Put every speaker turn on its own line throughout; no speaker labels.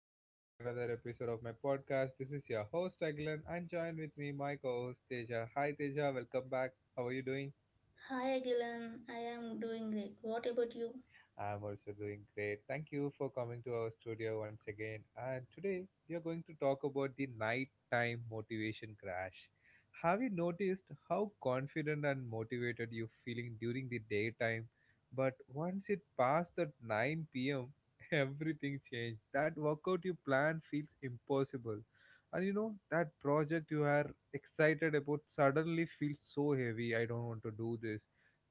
back to the another episode of my podcast. This is your host Agilan and join with me my co-host Teja. Hi Teja, welcome back. How are you doing?
Hi Agilan, I am doing great. What about you?
I'm also doing great. Thank you for coming to our studio once again. And today we are going to talk about the nighttime motivation crash. Have you noticed how confident and motivated you're feeling during the daytime? But once it passed that 9 p.m., everything changed. That workout you planned feels impossible. And that project you are excited about suddenly feels so heavy. I don't want to do this,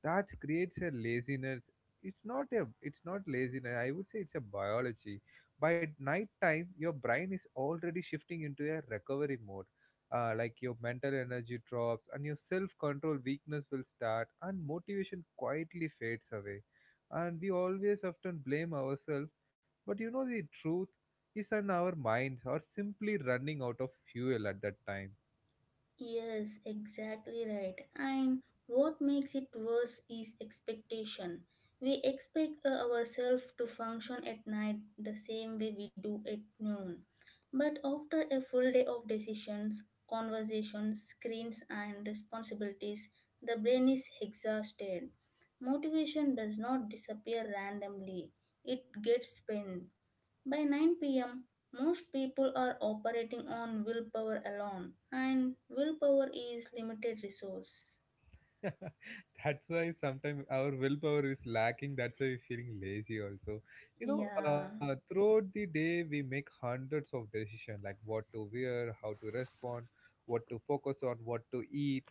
that creates a laziness. It's not a it's not laziness, I would say. It's a biology. By night time your brain is already shifting into a recovery mode. Like your mental energy drops and your self control weakness will start, and motivation quietly fades away. And we always often blame ourselves, but you know the truth is in our minds are simply running out of fuel at that time.
Yes, exactly right. And what makes it worse is expectation. We expect ourselves to function at night the same way we do at noon. But after a full day of decisions, conversations, screens, and responsibilities, the brain is exhausted. Motivation does not disappear randomly, it gets spent. By 9 p.m., most people are operating on willpower alone, and willpower is limited resource.
That's why sometimes our willpower is lacking, that's why we're feeling lazy also.
Yeah.
Throughout the day we make hundreds of decisions, like what to wear, how to respond, what to focus on, what to eat,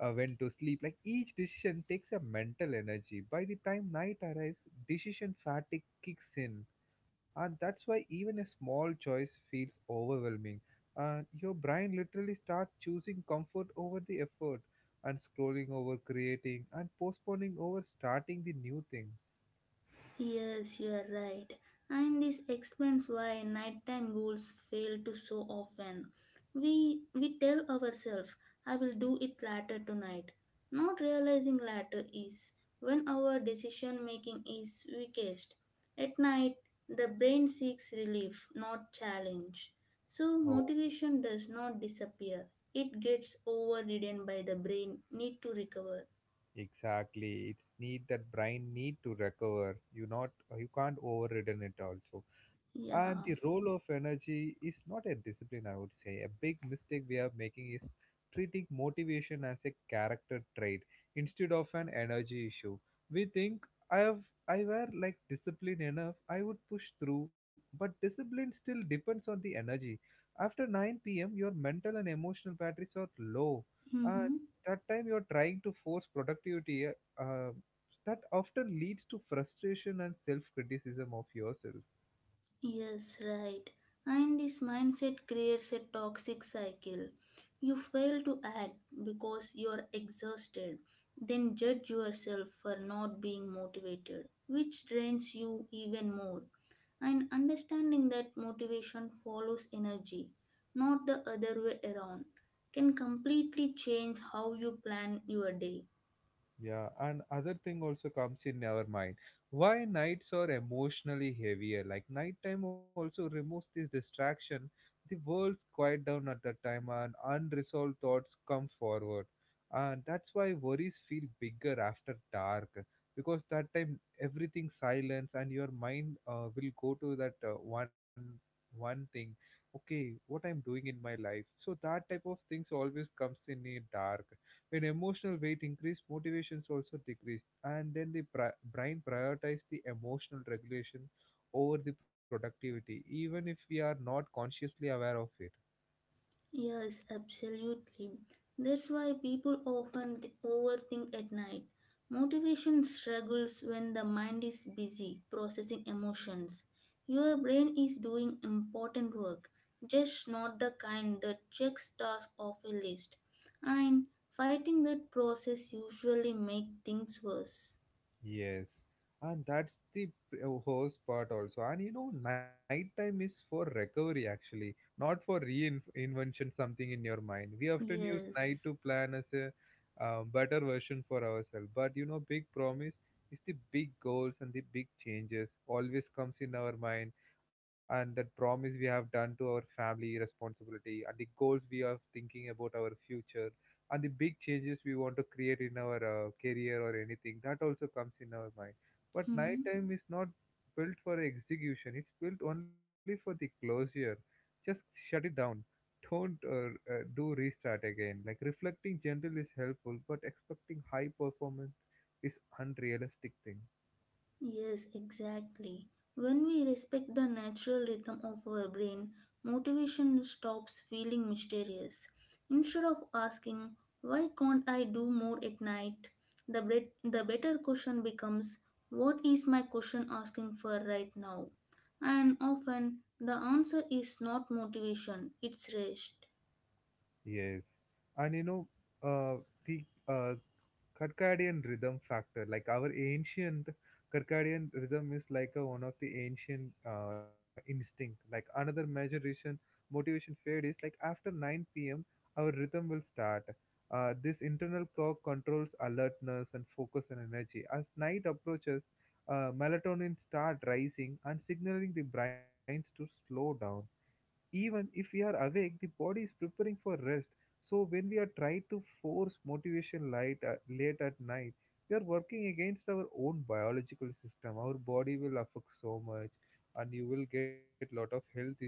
when to sleep. Like each decision takes a mental energy. By the time night arrives, decision fatigue kicks in, and that's why even a small choice feels overwhelming. And your brain literally starts choosing comfort over the effort, and scrolling over creating, and postponing over starting the new things.
Yes, you are right. And this explains why nighttime goals fail to so often. We tell ourselves, I will do it later tonight. Not realizing later is when our decision making is weakest. At night, the brain seeks relief, not challenge. So motivation does not disappear. It gets overridden by the brain need to recover.
Exactly. It's need that brain need to recover. You not, you can't overridden it also. And
Yeah.
the role of energy is not a discipline, I would say. A big mistake we are making is treating motivation as a character trait instead of an energy issue. We think I were like disciplined enough, I would push through, but discipline still depends on the energy. After 9 p.m., your mental and emotional batteries are low. And
Mm-hmm.
that time you're trying to force productivity, that often leads to frustration and self criticism of yourself.
Yes, right. And this mindset creates a toxic cycle. You fail to act because you are exhausted, then judge yourself for not being motivated, which drains you even more. And understanding that motivation follows energy, not the other way around, can completely change how you plan your day.
Yeah, and other thing also comes in our mind. Why nights are emotionally heavier? Like nighttime also removes this distraction. The world's quiet down at that time, and unresolved thoughts come forward. And that's why worries feel bigger after dark, because that time everything silence, and your mind will go to that one thing. Okay, what I'm doing in my life. So that type of things always comes in a dark, when emotional weight increased, motivations also decreased, and then the brain prioritizes the emotional regulation over the productivity, even if we are not consciously aware of it.
Yes, absolutely. That's why people often overthink at night. Motivation struggles when the mind is busy processing emotions. Your brain is doing important work, just not the kind that checks tasks off a list. And fighting that process usually make things worse.
Yes, and that's the host part also. And you know, nighttime is for recovery actually, not for reinvention something in your mind. We often use night
Yes.
to plan as a better version for ourselves. But you know, big promise is the big goals and the big changes always comes in our mind, and that promise we have done to our family responsibility and the goals we are thinking about our future, and the big changes we want to create in our career or anything, that also comes in our mind. But
Mm-hmm.
nighttime is not built for execution, it's built only for the closure. Just shut it down. Don't do restart again. Like reflecting gentle is helpful, but expecting high performance is unrealistic thing.
Yes, exactly. When we respect the natural rhythm of our brain, motivation stops feeling mysterious. Instead of asking, why can't I do more at night? The better question becomes, what is my question asking for right now? And often, the answer is not motivation, it's rest.
Yes, and you know, uh, the uh, Circadian rhythm factor, like our ancient circadian rhythm is like a, one of the ancient instinct. Like another measuration motivation fade is like after 9 p.m. our rhythm will start. This internal clock controls alertness and focus and energy. As night approaches, melatonin start rising and signaling the brains to slow down. Even if we are awake, the body is preparing for rest. So when we are trying to force motivation light at, late at night, we are working against our own biological system. Our body will affect so much, and you will get lot of health issues,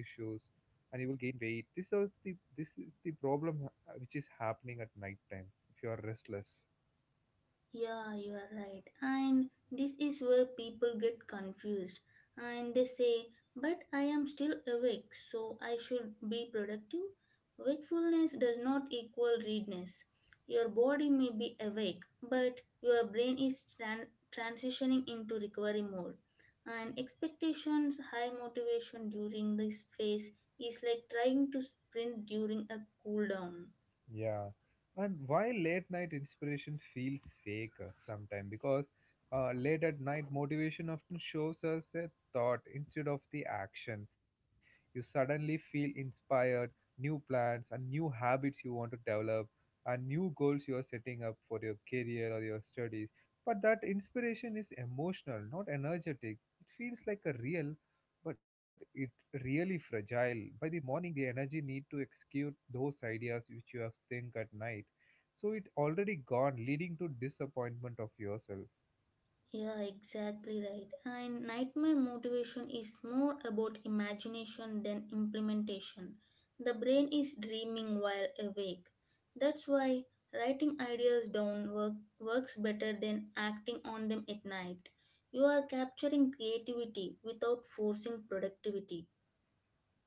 and you will gain weight. This is the, this is the problem which is happening at night time if you are restless.
Yeah, you are right. And this is where people get confused and they say, But I am still awake, so I should be productive. Wakefulness does not equal readiness. Your body may be awake, but your brain is transitioning into recovery mode. And expectations, high motivation during this phase is like trying to sprint during a cool down.
Yeah, and why late night inspiration feels fake sometimes, because late at night motivation often shows us a thought instead of the action. You suddenly feel inspired, new plans and new habits you want to develop, and new goals you are setting up for your career or your studies. But that inspiration is emotional, not energetic. It feels like a real, but it really fragile. By the morning, the energy need to execute those ideas which you have think at night. So it already gone, leading to disappointment of yourself.
Yeah, exactly right. And nightmare motivation is more about imagination than implementation. The brain is dreaming while awake. That's why writing ideas down work, works better than acting on them at night. You are capturing creativity without forcing productivity.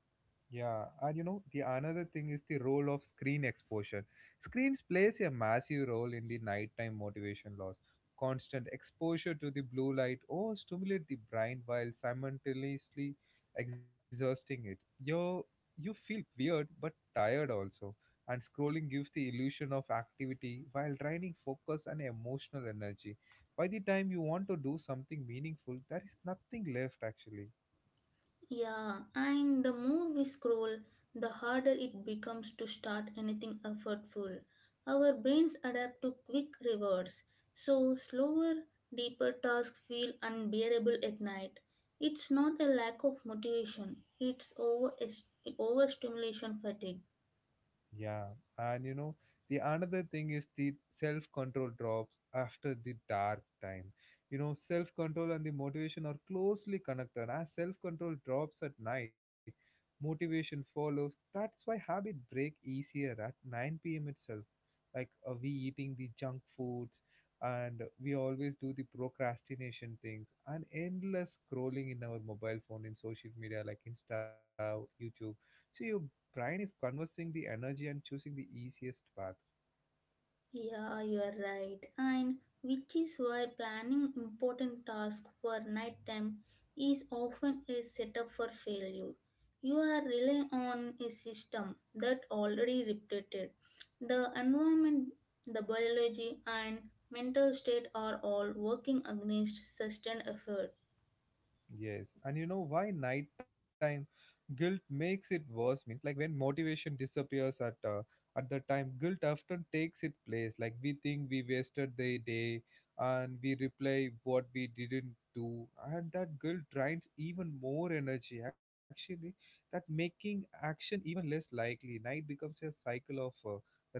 Yeah, and you know, the another thing is the role of screen exposure. Screens plays a massive role in the nighttime motivation loss. Constant exposure to the blue light or stimulate the brain while simultaneously exhausting it. You feel weird but tired also. And scrolling gives the illusion of activity while draining focus and emotional energy. By the time you want to do something meaningful, there is nothing left actually.
Yeah, and the more we scroll, the harder it becomes to start anything effortful. Our brains adapt to quick rewards, so slower, deeper tasks feel unbearable at night. It's not a lack of motivation, it's overstimulation fatigue.
Yeah, and you know, the another thing is the self control drops after the dark time. You know, self control and the motivation are closely connected. As self control drops at night, motivation follows. That's why habit break easier at 9 p.m. itself. Like we eating the junk foods, and we always do the procrastination things and endless scrolling in our mobile phone in social media like Insta, YouTube. So your Brian is conversing the energy and choosing the easiest path.
Yeah, you are right. And which is why planning important tasks for nighttime is often a setup for failure. You are relying on a system that already repeated. The environment, the biology, and mental state are all working against sustained effort.
Yes. And you know why nighttime guilt makes it worse means, like when motivation disappears at the time, guilt often takes its place. Like we think we wasted the day, and we replay what we didn't do, and that guilt drains even more energy actually, that making action even less likely. Night becomes a cycle of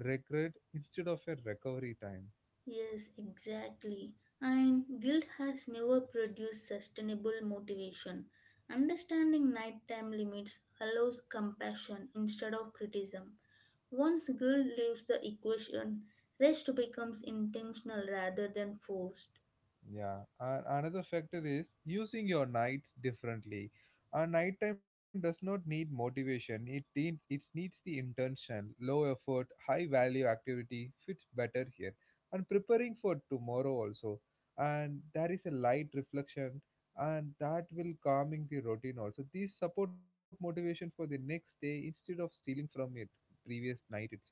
regret instead of a recovery time.
Yes, exactly. And guilt has never produced sustainable motivation. Understanding nighttime limits allows compassion instead of criticism. Once guilt leaves the equation, rest becomes intentional rather than forced.
Yeah, and another factor is using your nights differently. A nighttime does not need motivation, it, needs, it needs the intention. Low effort, high value activity fits better here. And preparing for tomorrow also. And there is a light reflection, and that will calming the routine also. These support motivation for the next day instead of stealing from it previous night itself.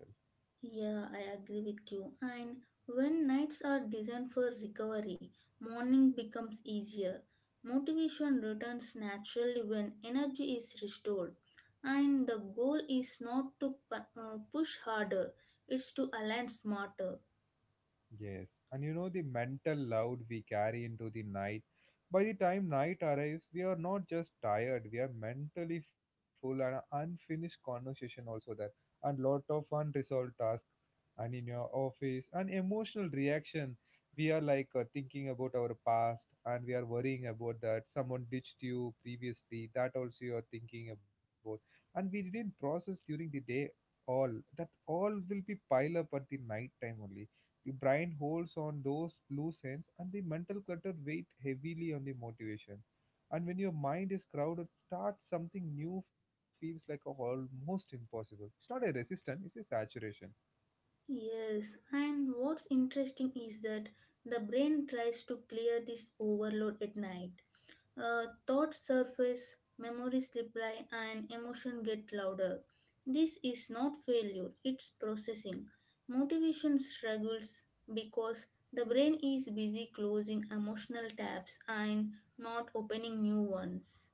Yeah, I agree with you. And when nights are designed for recovery, morning becomes easier. Motivation returns naturally when energy is restored. And the goal is not to push harder, it's to align smarter.
Yes, and you know the mental load we carry into the night. By the time night arrives, we are not just tired, we are mentally full, and unfinished conversation also there, and lot of unresolved tasks, and in your office, and emotional reaction. We are like thinking about our past, and we are worrying about that someone ditched you previously. That also you are thinking about, and we didn't process during the day all. That all will be pile up at the night time only. The brain holds on those loose ends, and the mental clutter weighs heavily on the motivation. And when your mind is crowded, start something new feels like a almost impossible. It's not a resistance; it's a saturation.
Yes, and what's interesting is that the brain tries to clear this overload at night. Thoughts surface, memories reply, and emotion get louder. This is not failure, it's processing. Motivation struggles because the brain is busy closing emotional tabs and not opening new ones.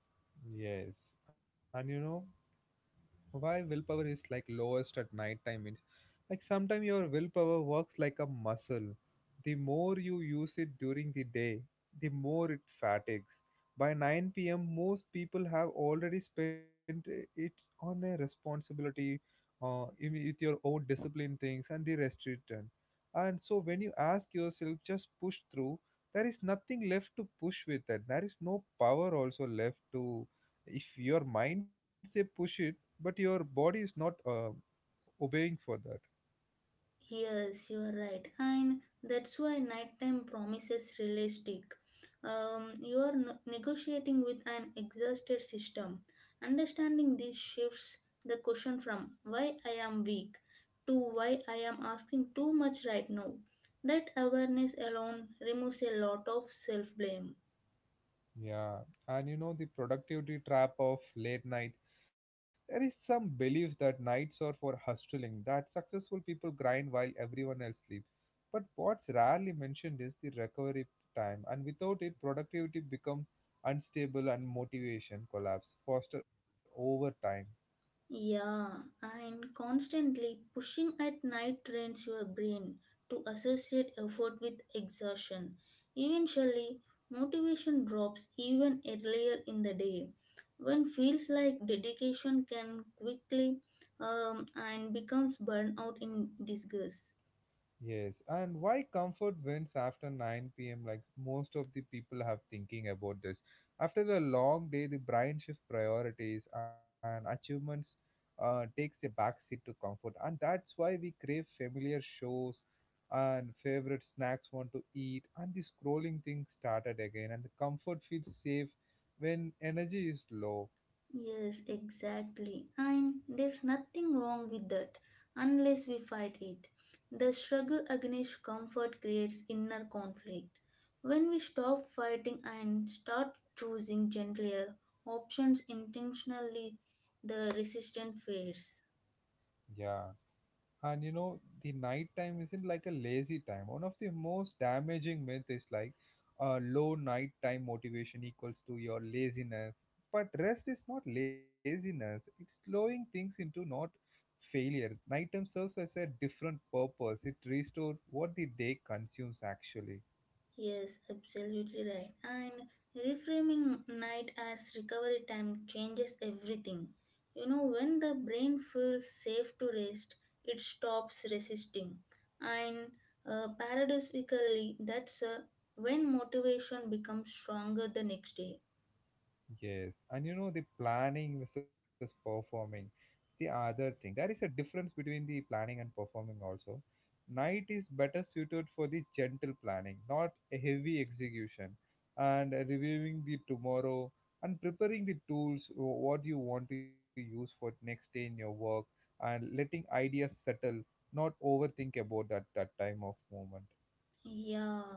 Yes, and you know why willpower is like lowest at night time means, like sometimes your willpower works like a muscle. The more you use it during the day, the more it fatigues. By 9 p.m most people have already spent it on a responsibility, with your own discipline things and the restriction. And so when you ask yourself just push through, there is nothing left to push with that. There is no power also left to, if your mind say push it, but your body is not obeying for that.
Yes, you are right, and that's why nighttime promises realistic. You are negotiating with an exhausted system. Understanding these shifts the question from why I am weak to why I am asking too much right now. That awareness alone removes a lot of self blame.
Yeah, and you know the productivity trap of late night, there is some belief that nights are for hustling, that successful people grind while everyone else sleeps. But what's rarely mentioned is the recovery time, and without it productivity becomes unstable and motivation collapse foster over time.
Yeah, and constantly pushing at night trains your brain to associate effort with exertion. Eventually, motivation drops even earlier in the day. When feels like dedication can quickly and becomes burnout in disguise.
Yes, and why comfort wins after 9 p.m.? Like most of the people have thinking about this. After a long day, the brain shift priorities and achievements takes a backseat to comfort, and that's why we crave familiar shows and favorite snacks want to eat, and the scrolling thing started again, and the comfort feels safe when energy is low.
Yes, exactly. And there's nothing wrong with that unless we fight it. The struggle against comfort creates inner conflict. When we stop fighting and start choosing gentler options intentionally, the resistance fades.
Yeah. And you know the night time isn't like a lazy time. One of the most damaging myth is like low nighttime motivation equals to your laziness, but rest is not laziness, it's slowing things into not failure. Nighttime serves as a different purpose, it restores what the day consumes actually.
Yes, absolutely right. And reframing night as recovery time changes everything. You know, when the brain feels safe to rest, it stops resisting. And paradoxically, that's when motivation becomes stronger the next day.
Yes, and you know the planning versus performing. It's the other thing. There is a difference between the planning and performing also. Night is better suited for the gentle planning, not a heavy execution, and reviewing the tomorrow and preparing the tools what you want to use for next day in your work and letting ideas settle, not overthink about that time of moment.
Yeah,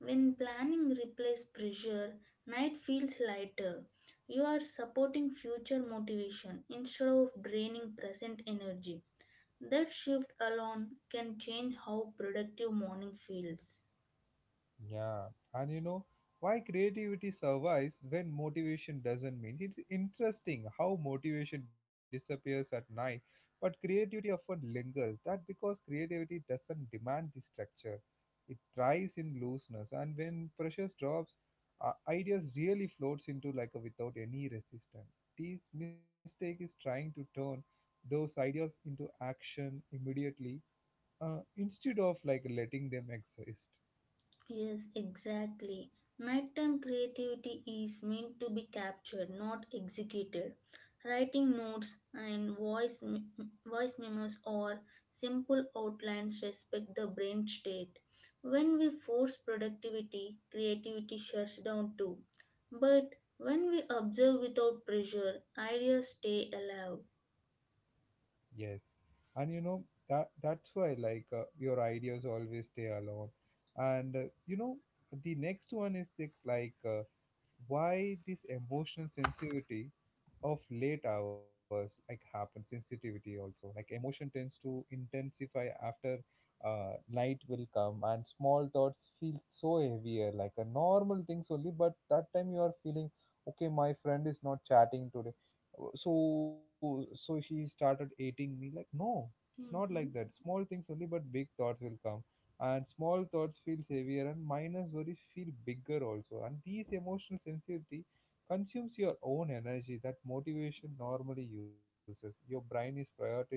when planning replaces pressure, night feels lighter. You are supporting future motivation instead of draining present energy. That shift alone can change how productive morning feels.
Yeah, and you know why creativity survives when motivation doesn't mean. It's interesting how motivation disappears at night, but creativity often lingers. That because creativity doesn't demand the structure, it thrives in looseness, and when pressure drops, ideas really floats into like a without any resistance. This mistake is trying to turn those ideas into action immediately instead of like letting them exist.
Yes, exactly. Nighttime creativity is meant to be captured, not executed. Writing notes and voice memos or simple outlines respect the brain state. When we force productivity, creativity shuts down too. But when we observe without pressure, ideas stay alive.
Yes, and you know that's why like your ideas always stay alone, and you know the next one is the, like why this emotional sensitivity of late hours like happen sensitivity also like emotion tends to intensify after light will come and small thoughts feel so heavier like a normal things only but that time you are feeling okay, my friend is not chatting today. Uh, so so she started hating me like no, it's not like
Mhm.
that, small things only but big thoughts will come and small thoughts feel heavier and minor worries feel bigger also and these emotional sensitivity consumes your own energy that motivation normally uses. Your brain is prioritizing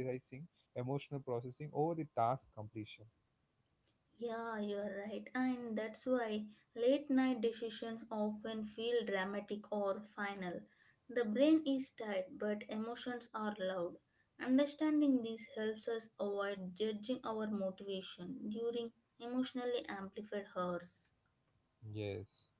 emotional processing over the task completion.
Yeah, you're right. And that's why late night decisions often feel dramatic or final. The brain is tired, but emotions are loud. Understanding this helps us avoid judging our motivation during emotionally amplified hours.
Yes.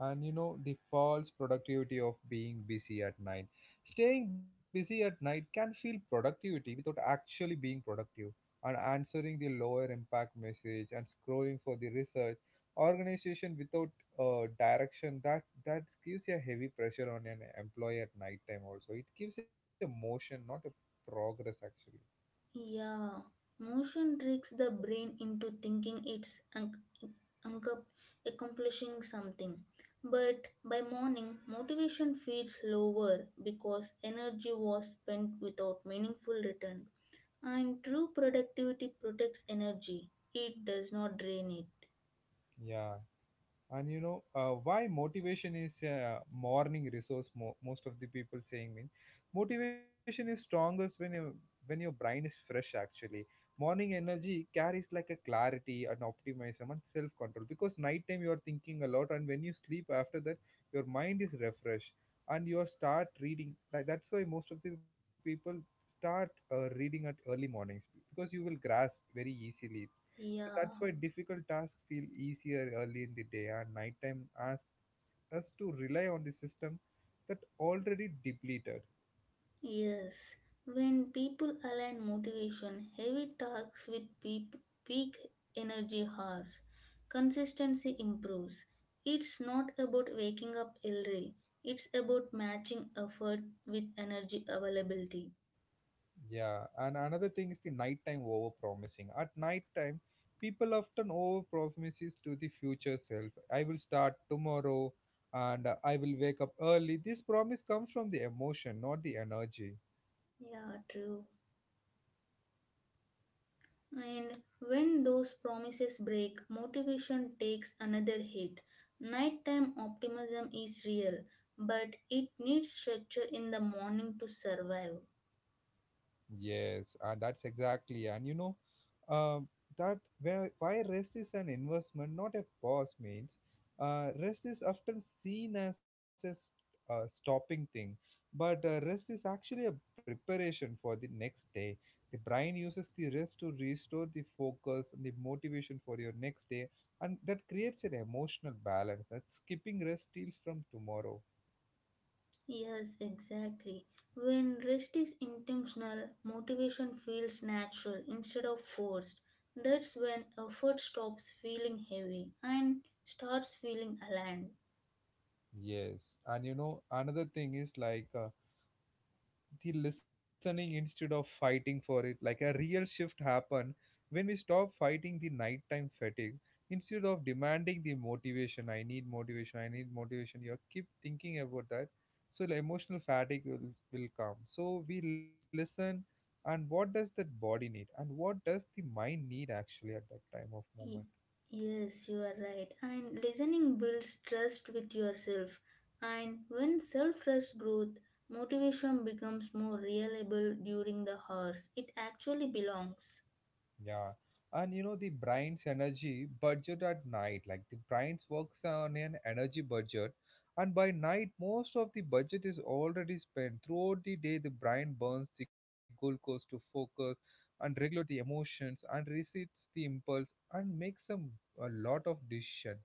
And you know, the false productivity of being busy at night. Staying busy at night can feel productivity without actually being productive and answering the lower impact message and scrolling for the research organization without direction, that gives a heavy pressure on an employee at night time also. It gives a motion, not a progress actually.
Yeah, motion tricks the brain into thinking it's uncomfortable ac- accomplishing something. But by morning, motivation feels lower because energy was spent without meaningful return. And true productivity protects energy, it does not drain it.
Yeah, and you know why motivation is a morning resource. Most of the people saying mean motivation is strongest when you when your brain is fresh actually. Morning energy carries like a clarity and optimism and self control, because nighttime you are thinking a lot and when you sleep after that your mind is refreshed and you start reading. Like, that's why most of the people start reading at early mornings, because you will grasp very easily. So
Yeah.
that's why difficult tasks feel easier early in the day, and nighttime asks us to rely on the system that already depleted.
Yes, when people align motivation, heavy tasks with peep peak energy hours, consistency improves. It's not about waking up early, it's about matching effort with energy availability.
Yeah, and another thing is the nighttime over promising. At nighttime, people often over promises to the future self. I will start tomorrow and I will wake up early. This promise comes from the emotion, not the energy.
Yeah, true. And when those promises break, motivation takes another hit. Nighttime optimism is real, but it needs structure in the morning to survive.
Yes, and that's exactly. And you know, uh, that where, why rest is an investment, not a pause means. Rest is often seen as a stopping thing, but rest is actually a preparation for the next day. The brain uses the rest to restore the focus and the motivation for your next day, and that creates an emotional balance that skipping rest steals from tomorrow.
Yes, exactly. When rest is intentional, motivation feels natural instead of forced. That's when effort stops feeling heavy and starts feeling aligned.
Yes, and you know, another thing is like. The listening instead of fighting for it, like a real shift happen when we stop fighting the nighttime fatigue. Instead of demanding the motivation, I need motivation, I need motivation, you keep thinking about that, so the emotional fatigue will come. So we listen, and what does that body need and what does the mind need actually at that time of
Ye-
moment.
Yes, you are right. And listening builds trust with yourself. And when self trust grows, motivation becomes more reliable during the hours it actually belongs.
Yeah. And you know, the brain's energy budget at night, like the brain's works on an energy budget. And by night, most of the budget is already spent. Throughout the day, the brain burns the glucose to focus and regulate the emotions and resists the impulse and makes some a lot of decision.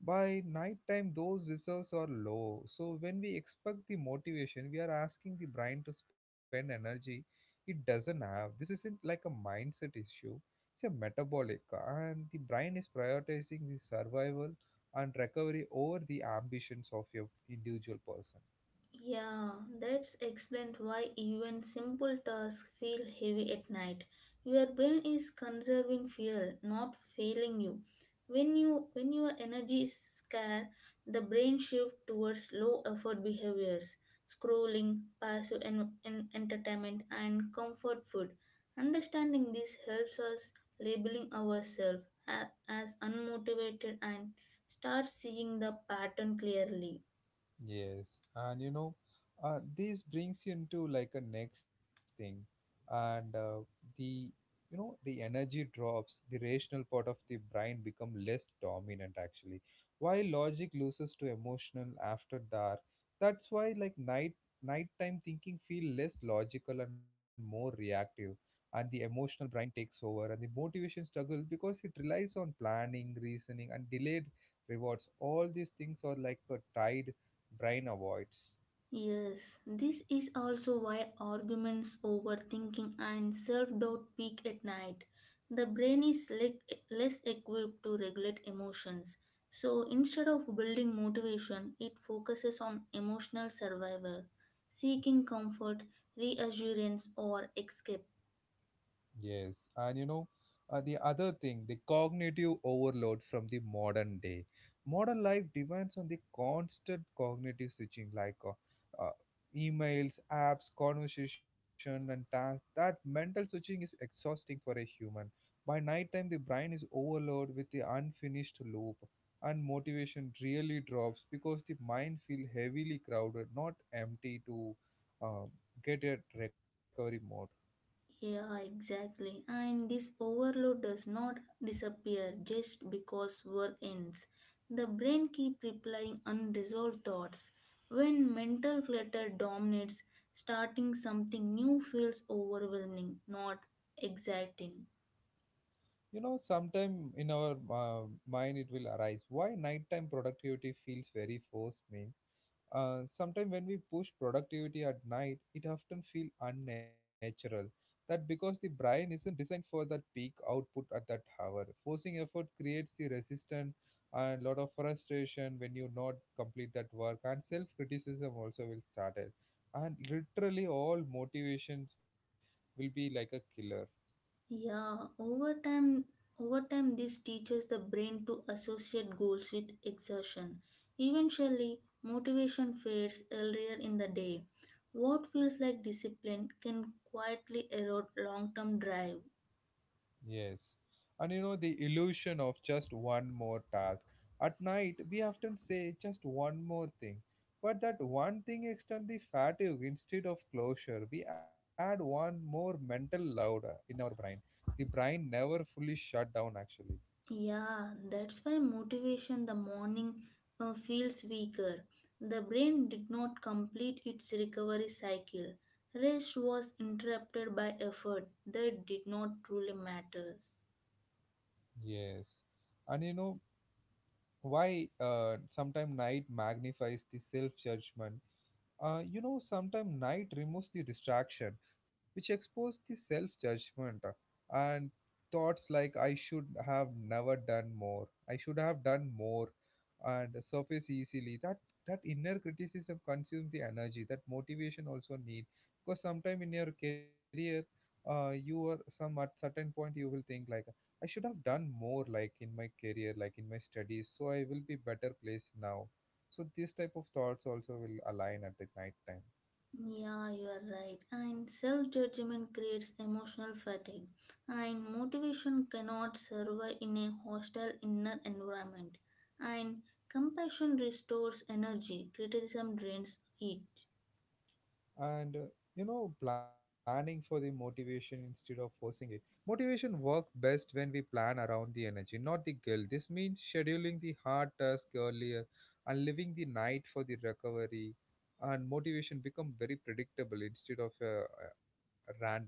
By nighttime, those reserves are low. So, when we expect the motivation, we are asking the brain to spend energy it doesn't have. This isn't like a mindset issue, it's a metabolic, and the brain is prioritizing the survival and recovery over the ambitions of your individual person.
Yeah, that's explained why even simple tasks feel heavy at night. Your brain is conserving fuel, not failing you. When your energy is scarce, the brain shifts towards low effort behaviors, scrolling, passive entertainment, and comfort food. Understanding this helps us labeling ourselves as unmotivated and start seeing the pattern clearly.
Yes, and you know, this brings you into like a next thing, and the you know the energy drops, the rational part of the brain become less dominant actually, while logic loses to emotional after dark. That's why like nighttime thinking feel less logical and more reactive, and the emotional brain takes over, and the motivation struggles because it relies on planning, reasoning, and delayed rewards. All these things are like a tide brain avoids.
Yes, this is also why arguments, overthinking, and self doubt peak at night. The brain is less equipped to regulate emotions. So instead of building motivation, it focuses on emotional survival, seeking comfort, reassurance, or escape.
Yes, and you know, the other thing, the cognitive overload from the modern day. Modern life depends on the constant cognitive switching, like emails, apps, conversation, and tasks. That mental switching is exhausting for a human. By nighttime, the brain is overloaded with the unfinished loop, and motivation really drops because the mind feels heavily crowded, not empty to uh, get a recovery mode.
Yeah, exactly. And this overload does not disappear just because work ends. The brain keeps replying unresolved thoughts. When mental clutter dominates, starting something new feels overwhelming, not exciting.
You know sometime in our uh, mind it will arise, why nighttime productivity feels very forced mean. Sometime when we push productivity at night, it often feel unnatural. That because the brain isn't designed for that peak output at that hour. Forcing effort creates the resistance and lot of frustration when you not complete that work, and self criticism also will start it, and literally all motivations will be like a killer.
Yeah, over time, this teaches the brain to associate goals with exertion. Eventually, motivation fades earlier in the day. What feels like discipline can quietly erode long-term drive.
Yes. And you know, the illusion of just one more task. At night, we often say just one more thing. But that one thing extends the fatigue instead of closure. We add one more mental load in our brain. The brain never fully shut down, actually.
Yeah, that's why motivation the morning feels weaker. The brain did not complete its recovery cycle. Rest was interrupted by effort that did not truly matters.
Yes. And you know why sometimes night magnifies the self judgment. You know, sometimes night removes the distraction, which expose the self judgment and thoughts like I should have never done more, I should have done more, and surface easily. That inner criticism consumes the energy. That motivation also need, because sometime in your career, you are some at certain point you will think like I should have done more, like in my career, like in my studies, so I will be better placed now. So these type of thoughts also will align at the night time.
Yeah, you are right. And self judgment creates emotional fatigue, and motivation cannot survive in a hostile inner environment. And compassion restores energy, criticism drains it.
And you know, planning for the motivation instead of forcing it. Motivation work best when we plan around the energy, not the guilt. This means scheduling the hard task earlier and leaving the night for the recovery, and motivation become very predictable instead of a, a random thing.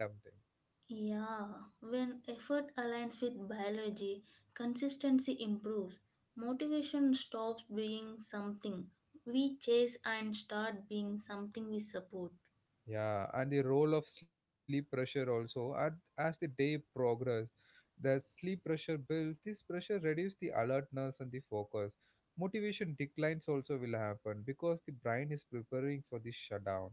Yeah, when effort aligns with biology, consistency improves. Motivation stops being something we chase and start being something we support.
Yeah, and the role of sleep pressure also. At, as the day progress, the sleep pressure builds. This pressure reduces the alertness and the focus. Motivation declines also will happen because the brain is preparing for the shutdown.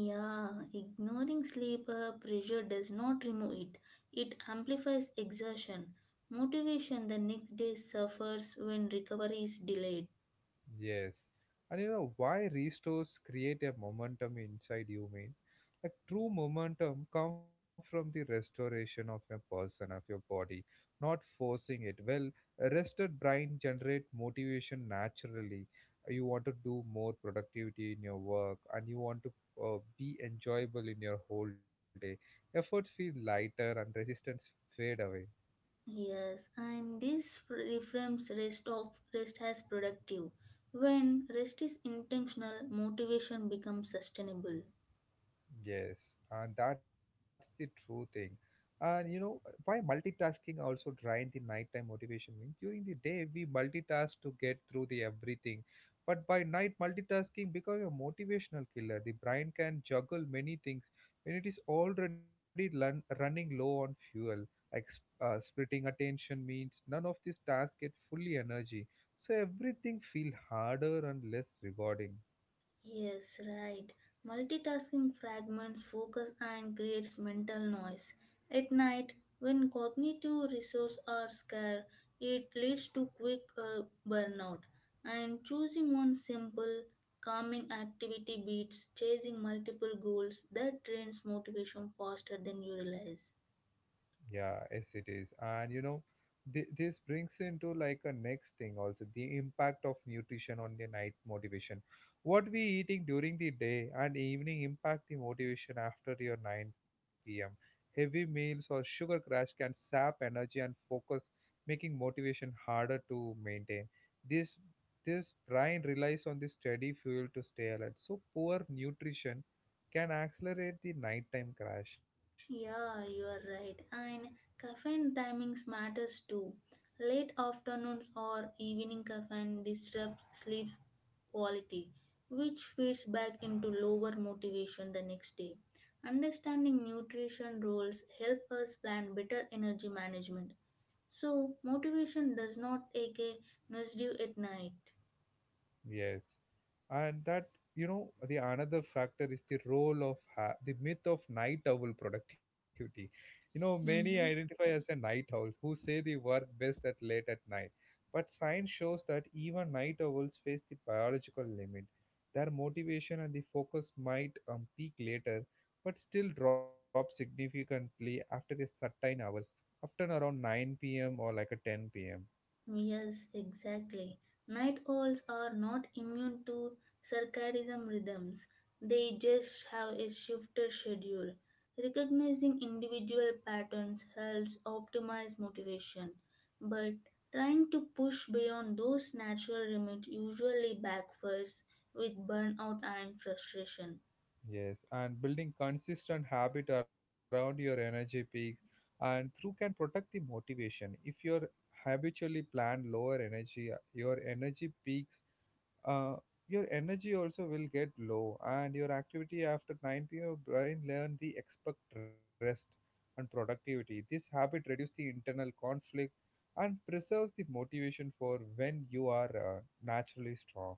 Yeah, ignoring sleep pressure does not remove it. It amplifies exhaustion. Motivation the next day suffers when recovery is delayed.
Yes. And you know why restores create a momentum inside you mean? Like true momentum come from the restoration of a person, of your body, not forcing it. Well, a rested brain generate motivation naturally. You want to do more productivity in your work and you want to be enjoyable in your whole day. Efforts feel lighter and resistance fade away.
Yes, and this reframes rest as productive. When rest is intentional, motivation becomes sustainable.
Yes, and that's the true thing. And you know why multitasking also drained the nighttime motivation means during the day we multitask to get through the everything. But by night multitasking becomes a motivational killer. The brain can juggle many things when it is already running low on fuel. Like splitting attention means none of these tasks get fully energy. So everything feel harder and less rewarding.
Yes, right. Multitasking fragments focus and creates mental noise. At night, when cognitive resources are scarce, it leads to quick burnout. And choosing one simple, calming activity beats chasing multiple goals that drains motivation faster than you realize.
Yeah, yes, it is. And you know, this brings into like a next thing also, the impact of nutrition on the night motivation. What we eating during the day and evening impact the motivation after your 9 p.m. Heavy meals or sugar crash can sap energy and focus, making motivation harder to maintain. This this brain relies on the steady fuel to stay alert. So poor nutrition can accelerate the nighttime crash.
Yeah, you are right. And caffeine timings matters too. Late afternoons or evening caffeine disrupts sleep quality, which feeds back into lower motivation the next day. Understanding nutrition roles help us plan better energy management. So motivation does not take a nosedive at night.
Yes, and that you know the another factor is the role of the myth of night owl productivity. You know, many identify
Mhm.
as a night owls who say they work best at late at night, but science shows that even night owls face the biological limit. Their motivation and the focus might peak later, but still drop significantly after a certain hours, often around 9 p.m. or like a 10 p.m.
Yes, exactly. Night owls are not immune to circadian rhythms. They just have a shifted schedule. Recognizing individual patterns helps optimize motivation, but trying to push beyond those natural limits usually backfires with burnout and frustration.
Yes, and building consistent habit around your energy peak and through can protect the motivation. If you're habitually plan lower energy, your energy peaks, uh, your energy also will get low, and your activity after 9 p.m. your brain learn the expect rest and productivity. This habit reduces the internal conflict and preserves the motivation for when you are naturally strong.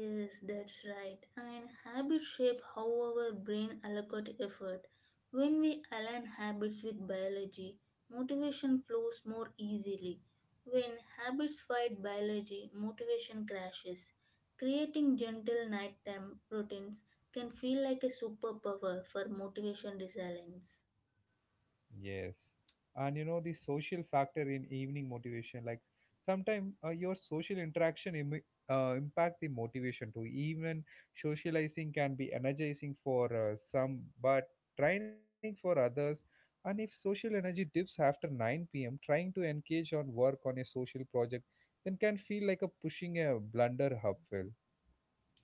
Yes, that's right. And habits shape how our brain allocate effort. When we align habits with biology, motivation flows more easily. When habits fight biology, motivation crashes. Creating gentle nighttime routines can feel like a superpower for motivation resilience.
Yes. And you know, the social factor in evening motivation, like sometimes your social interaction impact the motivation too. Even socializing can be energizing for some, but draining for others. And if social energy dips after 9 p.m., trying to engage on work on a social project then can feel like a pushing a blunder uphill.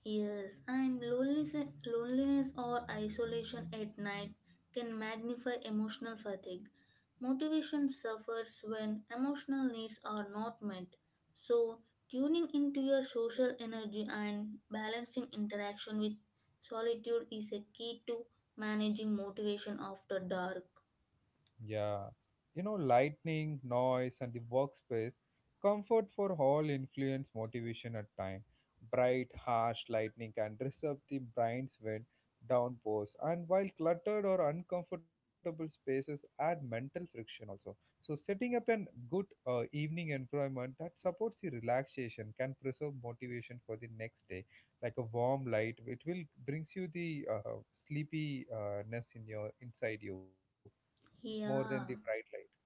Yes, and loneliness or isolation at night can magnify emotional fatigue. Motivation suffers when emotional needs are not met. So, tuning into your social energy and balancing interaction with solitude is a key to managing motivation after dark.
Yeah. You know, lightning noise and the workspace comfort for all influence motivation at time, bright harsh lightning can disrupt the brain's when downpours, and while cluttered or uncomfortable spaces add mental friction also. So setting up a good evening environment that supports the relaxation can preserve motivation for the next day, like a warm light it will brings you the sleepiness in your inside you more than the bright
Yeah.
light. yeah,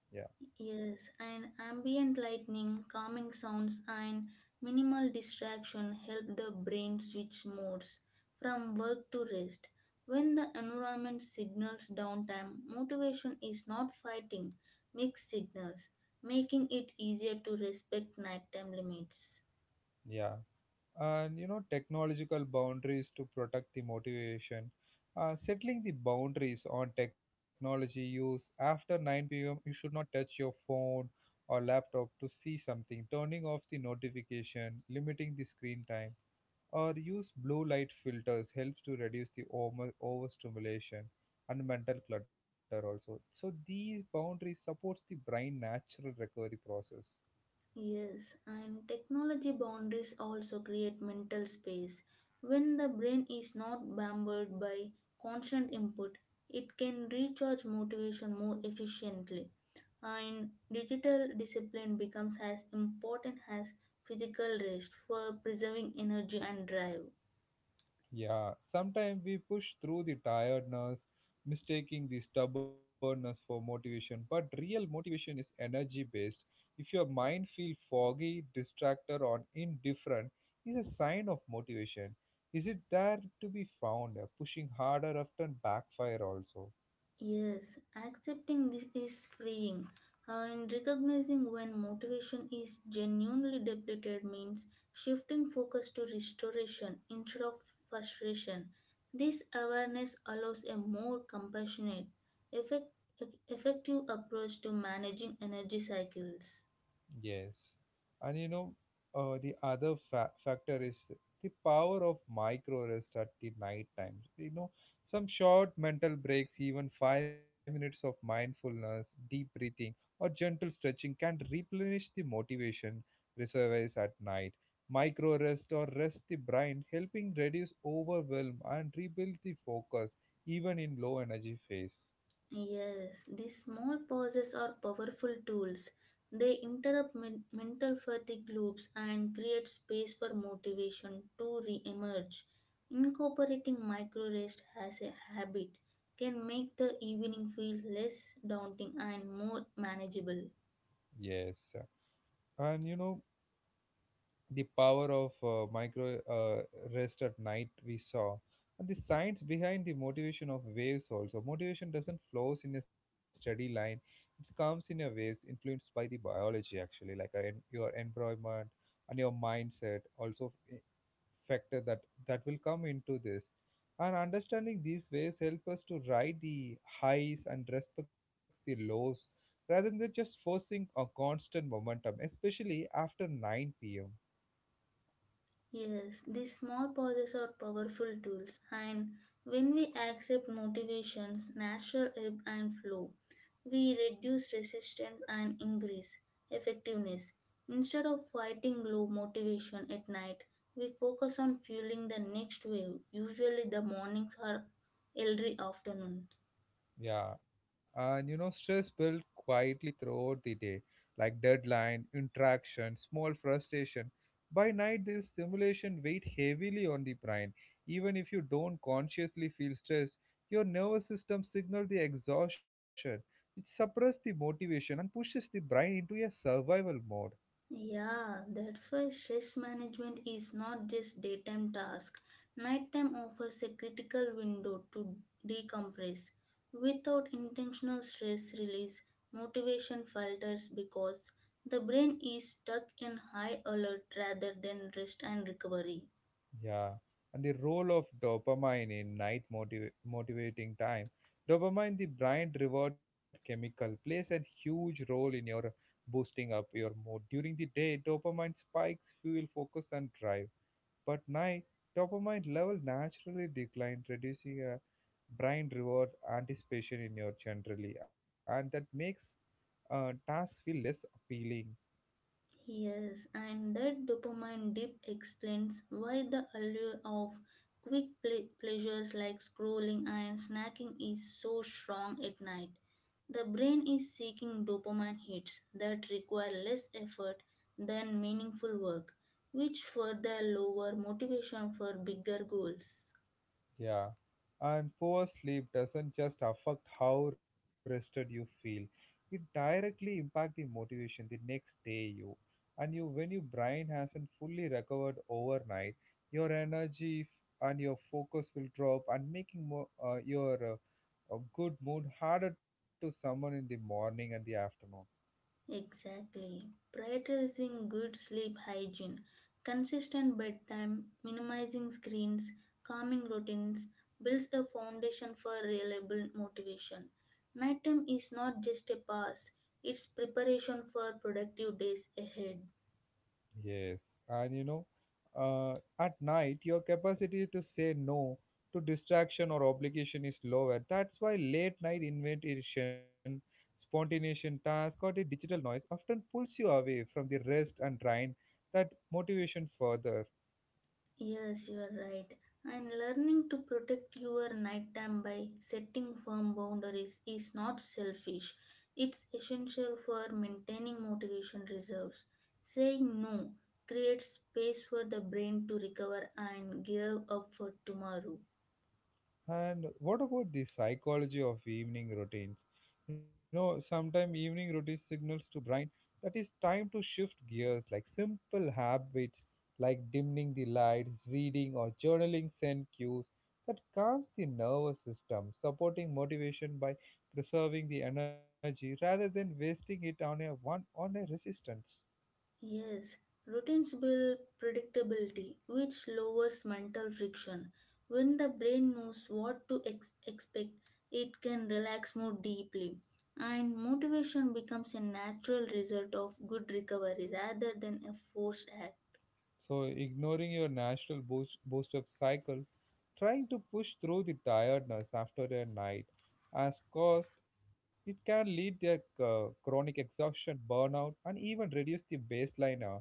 Yes, and ambient lighting, calming sounds, and minimal distraction help the brain switch modes from work to rest. When the environment signals downtime, motivation is not fighting mixed signals, making it easier to respect nighttime limits.
yeah. And technological boundaries to protect the motivation. Settling the boundaries on technology use after 9 p.m., you should not touch your phone or laptop to see something, turning off the notification, limiting the screen time, or use blue light filters helps to reduce the over overstimulation and mental clutter also. So these boundaries supports the brain natural recovery process.
Yes, and technology boundaries also create mental space. When the brain is not bombarded by constant input, it can recharge motivation more efficiently. And digital discipline becomes as important as physical rest for preserving energy and drive.
Yeah, sometimes we push through the tiredness, mistaking the stubbornness for motivation, but real motivation is energy based. If your mind feels foggy, distracted, or indifferent, is a sign of motivation. Is it there to be found? Pushing harder often backfire also.
Yes, accepting this is freeing. And recognizing when motivation is genuinely depleted means shifting focus to restoration instead of frustration. This awareness allows a more compassionate, effect- effective approach to managing energy cycles.
Yes. And the other factor is the power of micro rest at the night times. You know, some short mental breaks, even 5 minutes of mindfulness, deep breathing, or gentle stretching can replenish the motivation reservoirs at night. Micro rest or rest the brain, helping reduce overwhelm and rebuild the focus even in low energy phase.
Yes, these small pauses are powerful tools. They interrupt mental fatigue loops and create space for motivation to re emerge. Incorporating micro rest as a habit can make the evening feel less daunting and more manageable.
Yes. And you know, the power of micro rest at night we saw, and the science behind the motivation of waves also. Motivation doesn't flows in a steady line, it comes in a waves influenced by the biology actually, like your environment and your mindset also factor that that will come into this, and understanding these waves help us to ride the highs and respect the lows rather than just forcing a constant momentum, especially after 9 p.m.
Yes, these small pauses are powerful tools, and when we accept motivations, natural ebb and flow, we reduce resistance and increase effectiveness. Instead of fighting low motivation at night, we focus on fueling the next wave, usually the mornings or early afternoon.
Yeah, and you know, stress built quietly throughout the day, like deadline, interaction, small frustration. By night, this stimulation weight heavily on the brain. Even if you don't consciously feel stressed, your nervous system signal the exhaustion, which suppress the motivation and pushes the brain into a survival mode.
Yeah, that's why stress management is not just daytime task. Nighttime offers a critical window to decompress. Without intentional stress release, motivation falters because the brain is stuck in high alert rather than rest and recovery.
Yeah, and the role of dopamine in night motivating time. Dopamine, the brain reward chemical, plays a huge role in your boosting up your mood. During the day, dopamine spikes fuel focus and drive, but night dopamine level naturally decline, reducing a brain reward anticipation in your generally, and that makes tasks feel less appealing.
Yes, and that dopamine dip explains why the allure of quick pleasures like scrolling and snacking is so strong at night. The brain is seeking dopamine hits that require less effort than meaningful work, which further lower motivation for bigger goals.
Yeah, and poor sleep doesn't just affect how rested you feel. It directly impact the motivation the next day you, and you when your brain hasn't fully recovered overnight, your energy and your focus will drop and making more your a good mood harder to summon in the morning and the afternoon.
Exactly. Prioritizing good sleep hygiene, consistent bedtime, minimizing screens, calming routines builds a foundation for reliable motivation. Nighttime is not just a pass, it's preparation for productive days ahead.
Yes, and uh, at night, your capacity to say no to distraction or obligation is lower. That's why late night invention, spontaneous task, or the digital noise often pulls you away from the rest and drain that motivation further.
Yes, you are right. And learning to protect your nighttime by setting firm boundaries is not selfish. It's essential for maintaining motivation reserves. Saying no creates space for the brain to recover and gear up for tomorrow.
And what about the psychology of evening routines? You know, sometimes evening routine signals to brain that it's time to shift gears, like simple habits like dimming the lights, reading or journaling send cues that calms the nervous system, supporting motivation by preserving the energy rather than wasting it on a one on a resistance.
Yes, routines build predictability, which lowers mental friction. When the brain knows what to expect, it can relax more deeply, and motivation becomes a natural result of good recovery rather than a forced act.
So, ignoring your natural boost up cycle, trying to push through the tiredness after a night as caused, it can lead to chronic exhaustion, burnout, and even reduce the baseline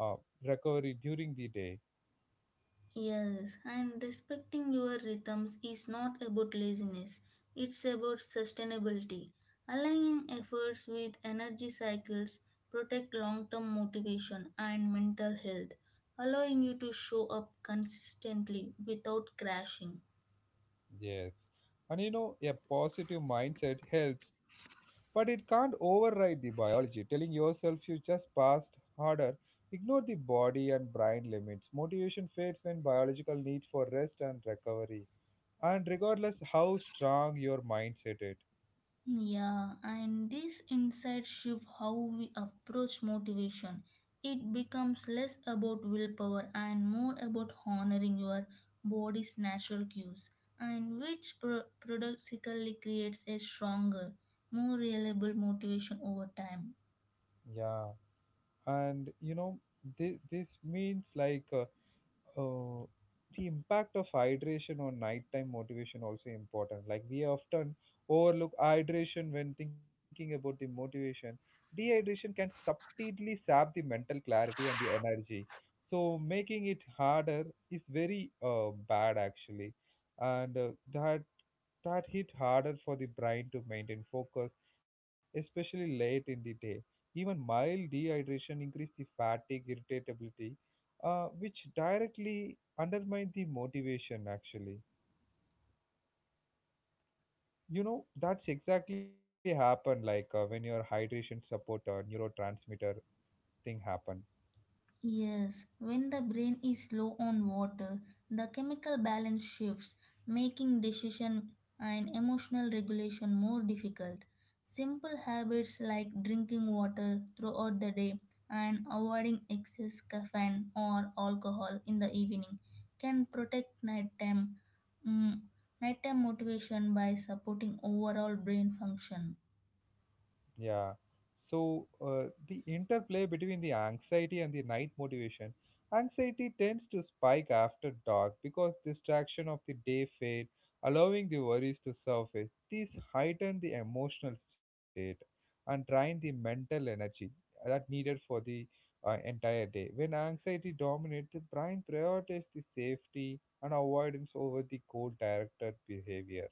uh, recovery during the day.
Yes, and respecting your rhythms is not about laziness, it's about sustainability. Aligning efforts with energy cycles protect long-term motivation and mental health, allowing you to show up consistently without crashing.
Yes. And you know, a positive mindset helps, but it can't override the biology. Telling yourself you just passed harder, ignore the body and brain limits. Motivation fades when biological needs for rest and recovery. And regardless how strong your mindset is.
Yeah, and this insight shift how we approach motivation. It becomes less about willpower and more about honoring your body's natural cues, and which paradoxically creates a stronger, more reliable motivation over time.
Yeah. And you know, this means like uh, the impact of hydration on nighttime motivation also important, like we often overlook hydration when thinking about the motivation. Dehydration can subtly sap the mental clarity and the energy, so making it harder is very bad actually, and that hit harder for the brain to maintain focus, especially late in the day. Even mild dehydration increased the fatigue, irritability, which directly undermine the motivation. Actually, you know that's exactly happened. Like when your hydration support neurotransmitter thing happened.
Yes, when the brain is low on water, the chemical balance shifts, making decision and emotional regulation more difficult. Simple habits like drinking water throughout the day and avoiding excess caffeine or alcohol in the evening can protect nighttime, mm, nighttime motivation by supporting overall brain function.
Yeah. So the interplay between the anxiety and the night motivation. Anxiety tends to spike after dark because distraction of the day fade, allowing the worries to surface. These heighten the emotional state and drain the mental energy that needed for the entire day. When anxiety dominates, the brain prioritizes the safety and avoidance over the goal-directed behavior.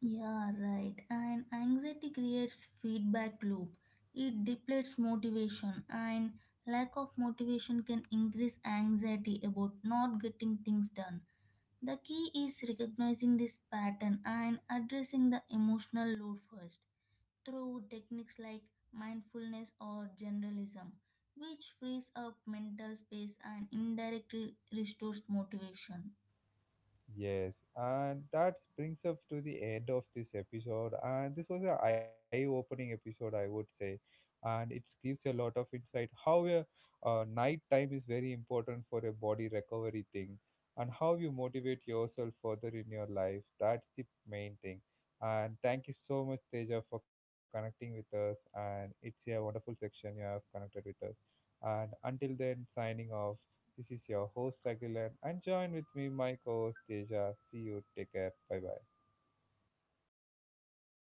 Yeah, right. And anxiety creates feedback loop. It depletes motivation and lack of motivation can increase anxiety about not getting things done. The key is recognizing this pattern and addressing the emotional load first through techniques like mindfulness or generalism, which frees up mental space and indirectly restores motivation.
Yes, and that brings us to the end of this episode. And this was an eye-opening episode, I would say, and it gives a lot of insight how a night time is very important for a body recovery thing, and how you motivate yourself further in your life. That's the main thing. And thank you so much, Teja, for connecting with us. And it's a wonderful section you have connected with us. And until then, signing off. This is your host Aguilar and join with me my co-host Deja. See you, take care, bye bye.